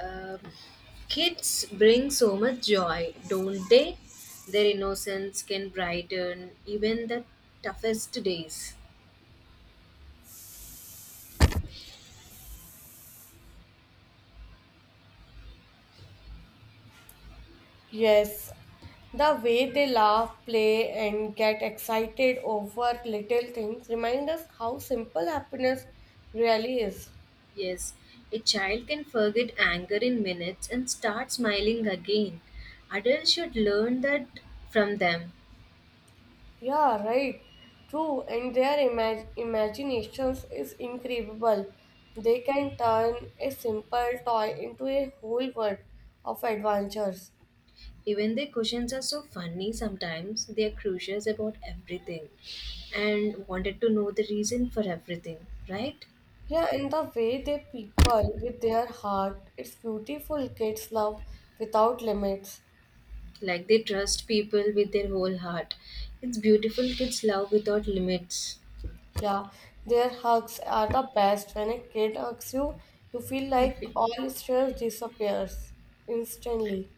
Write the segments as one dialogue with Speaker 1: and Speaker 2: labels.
Speaker 1: Um, Kids bring so much joy, don't they? Their innocence can brighten even the toughest days.
Speaker 2: Yes, the way they laugh, play, and get excited over little things remind us how simple happiness really is.
Speaker 1: Yes, a child can forget anger in minutes and start smiling again. Adults should learn that from them.
Speaker 2: Yeah, right. True, and their imaginations is incredible. They can turn a simple toy into a whole world of adventures.
Speaker 1: Even their questions are so funny sometimes, they are curious about everything and wanted to know the reason for everything, right?
Speaker 2: Yeah, and the way they people with their heart, it's beautiful. Kids love without limits.
Speaker 1: Like they trust people with their whole heart. It's beautiful, kids love without limits.
Speaker 2: Yeah, their hugs are the best. When a kid hugs you, you feel like all stress disappears instantly.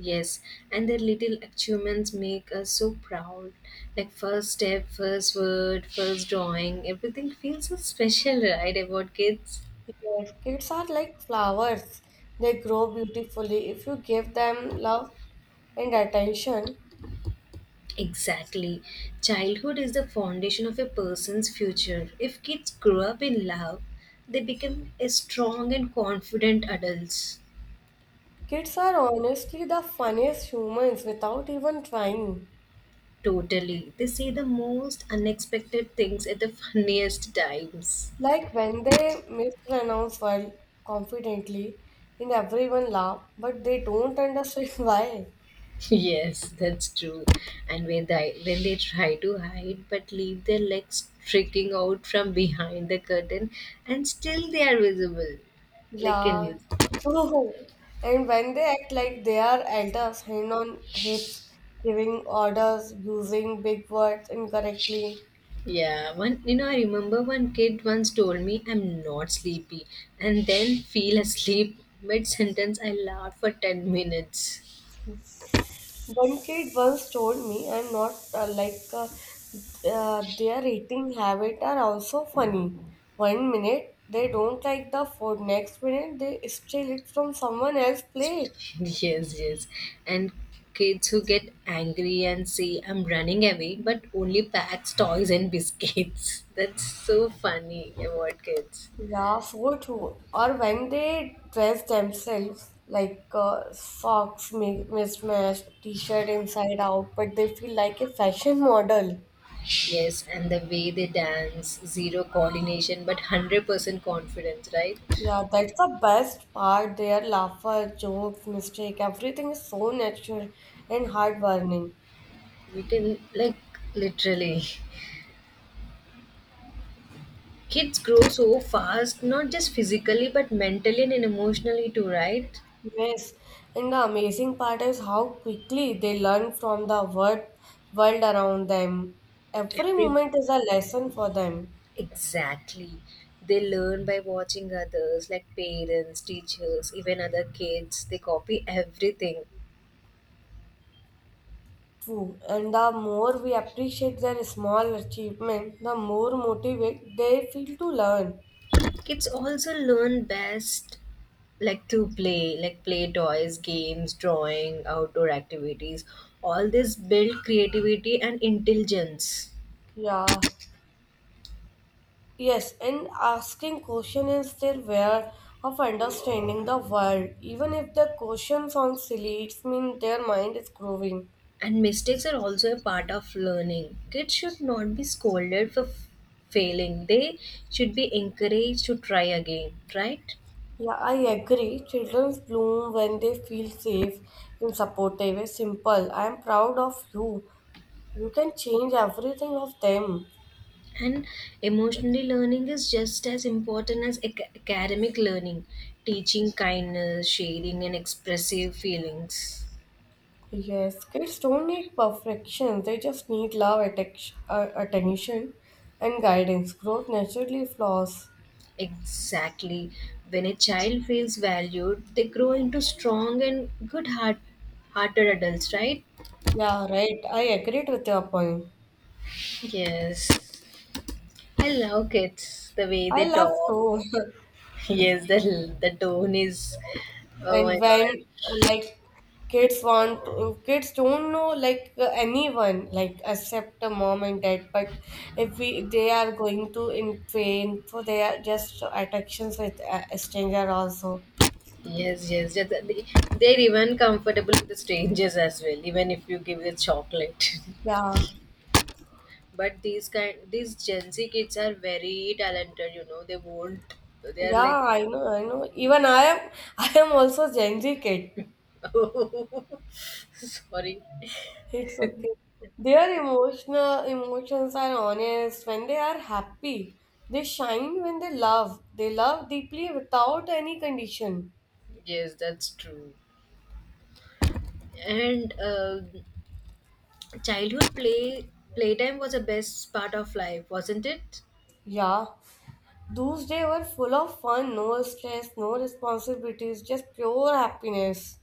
Speaker 1: Yes, and their little achievements make us so proud. Like first step, first word, first drawing, everything feels so special, right? About kids.
Speaker 2: Yes, kids are like flowers. They grow beautifully if you give them love and attention.
Speaker 1: Exactly. Childhood is the foundation of a person's future. If kids grow up in love, they become a strong and confident adults.
Speaker 2: Kids are honestly the funniest humans without even trying.
Speaker 1: Totally. They say the most unexpected things at the funniest times.
Speaker 2: Like when they mispronounce word confidently and everyone laugh, but they don't understand why.
Speaker 1: Yes, that's true. And when they try to hide but leave their legs sticking out from behind the curtain and still they are visible. Like
Speaker 2: Yeah,
Speaker 1: invisible.
Speaker 2: true. And when they act like they are elders, hand on hips, giving orders, using big words incorrectly.
Speaker 1: Yeah, I remember one kid once told me I'm not sleepy and then feel asleep mid sentence, I laughed for 10 minutes.
Speaker 2: One kid once told me, I'm not like their eating habit are also funny. One minute they don't like the food, next minute they steal it from someone else's plate.
Speaker 1: Yes, yes. And kids who get angry and say, I'm running away, but only packs, toys, and biscuits. That's so funny about kids.
Speaker 2: Yeah, so true. Or when they dress themselves like socks mismatched, t-shirt inside out, but they feel like a fashion model.
Speaker 1: Yes, and the way they dance, zero coordination, but 100% confidence, right?
Speaker 2: Yeah, that's the best part. Their laughter, jokes, mistake, everything is so natural and heartwarming.
Speaker 1: We can, like, literally. Kids grow so fast, not just physically, but mentally and emotionally too, right?
Speaker 2: Yes, and the amazing part is how quickly they learn from world around them. Every
Speaker 1: Every
Speaker 2: moment is a lesson for them.
Speaker 1: Exactly. They learn by watching others, like parents, teachers, even other kids. They copy everything.
Speaker 2: True, and the more we appreciate their small achievement, the more motivated they feel to learn.
Speaker 1: Kids also learn best like to play, like play toys, games, drawing, outdoor activities. All this build creativity and intelligence.
Speaker 2: Yeah, yes, and asking questions is their way of understanding the world. Even if the question sounds silly, it means their mind is growing.
Speaker 1: And mistakes are also a part of learning. Kids should not be scolded for failing. They should be encouraged to try again, right?
Speaker 2: Yeah, I agree. Children bloom when they feel safe and supportive. It's simple. I am proud of you. You can change everything of them.
Speaker 1: And emotionally learning is just as important as academic learning, teaching kindness, sharing, and expressive feelings.
Speaker 2: Yes, kids don't need perfection. They just need love, attention, and guidance. Growth naturally flaws.
Speaker 1: Exactly. When a child feels valued, they grow into strong and hearted adults, right?
Speaker 2: Yeah, right. I agreed with your point.
Speaker 1: Yes. I love kids, the way
Speaker 2: I
Speaker 1: they
Speaker 2: love
Speaker 1: talk.
Speaker 2: too.
Speaker 1: Yes, the tone is. Oh my
Speaker 2: And
Speaker 1: god.
Speaker 2: when like kids don't know like anyone like except the mom and dad. But if we they are going to in train, so they are just attractions with a stranger also.
Speaker 1: Yes, yes, yes. They're even comfortable with the strangers as well, even if you give it chocolate.
Speaker 2: Yeah.
Speaker 1: But these Gen Z kids are very talented. You know, they won't. They are
Speaker 2: Yeah,
Speaker 1: like,
Speaker 2: I know, I know. Even I am, I am also Gen Z kid.
Speaker 1: sorry.
Speaker 2: It's okay. Their emotional emotions are honest when they are happy. They shine when they love. They love deeply without any condition.
Speaker 1: Yes, that's true. And childhood playtime was the best part of life, wasn't it?
Speaker 2: Yeah, those days were full of fun, no stress, no responsibilities, just pure happiness.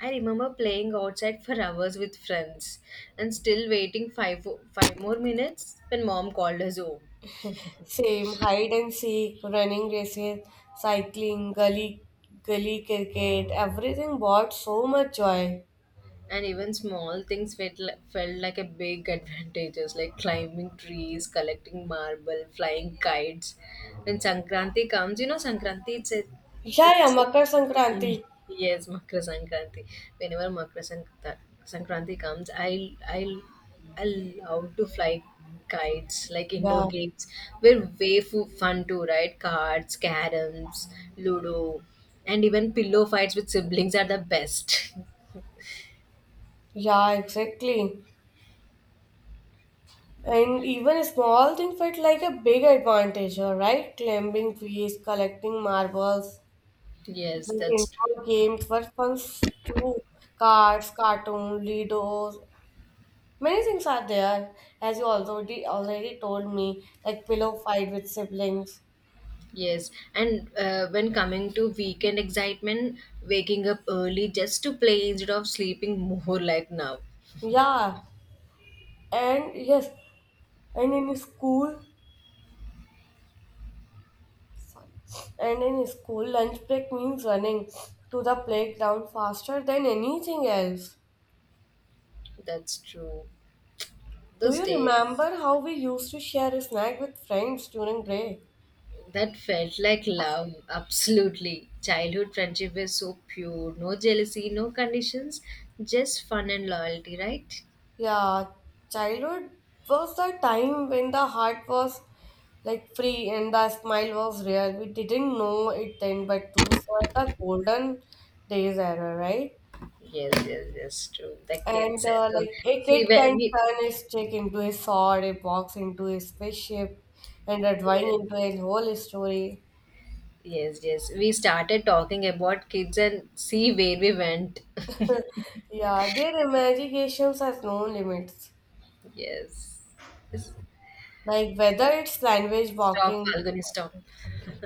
Speaker 1: I remember playing outside for hours with friends and still waiting five more minutes when mom called us home.
Speaker 2: Same hide and seek, running races, cycling, gully cricket, everything brought so much joy.
Speaker 1: And even small things felt like a big advantages, like climbing trees, collecting marble, flying kites when sankranti comes, you know, sankranti, it's a,
Speaker 2: Yeah, yeah,
Speaker 1: it's
Speaker 2: Makar Sankranti.
Speaker 1: yes, makra sankranti. Whenever sankranti comes, I love to fly kites. Like indoor
Speaker 2: Yeah,
Speaker 1: games were way fun too, right? Cards, caroms, ludo, and even pillow fights with siblings are the best.
Speaker 2: yeah, exactly. And even a small thing felt like a big advantage, all right? Climbing trees, collecting marbles,
Speaker 1: Yes,
Speaker 2: like
Speaker 1: that's
Speaker 2: indoor games were fun too. Cards, cartoon, Ludos, many things are there, as you already told me, like pillow fight with siblings.
Speaker 1: yes. And when coming to weekend excitement, waking up early just to play instead of sleeping more like now.
Speaker 2: Yeah, and yes, and in school, sorry. And in school, lunch break means running to the playground faster than anything else.
Speaker 1: That's true.
Speaker 2: Do
Speaker 1: Those
Speaker 2: you
Speaker 1: days
Speaker 2: remember how we used to share a snack with friends during break?
Speaker 1: that felt like love, absolutely. Childhood friendship is so pure, no jealousy, no conditions, just fun and loyalty, right?
Speaker 2: Yeah, childhood was the time when the heart was like free and the smile was rare. We didn't know it then, but those were the golden days era, right?
Speaker 1: Yes, yes, yes, true. The
Speaker 2: And
Speaker 1: kids and to
Speaker 2: like a
Speaker 1: see
Speaker 2: kid
Speaker 1: where
Speaker 2: can
Speaker 1: we
Speaker 2: turn his stick into a sword, a box into a spaceship, and a drawing
Speaker 1: yes,
Speaker 2: into a whole story.
Speaker 1: yes, yes. We started talking about kids and see where we went.
Speaker 2: Yeah, their imaginations has no limits.
Speaker 1: Yes. Just
Speaker 2: Like whether it's language
Speaker 1: stop,
Speaker 2: walking.
Speaker 1: Falguni, stop.
Speaker 2: Okay.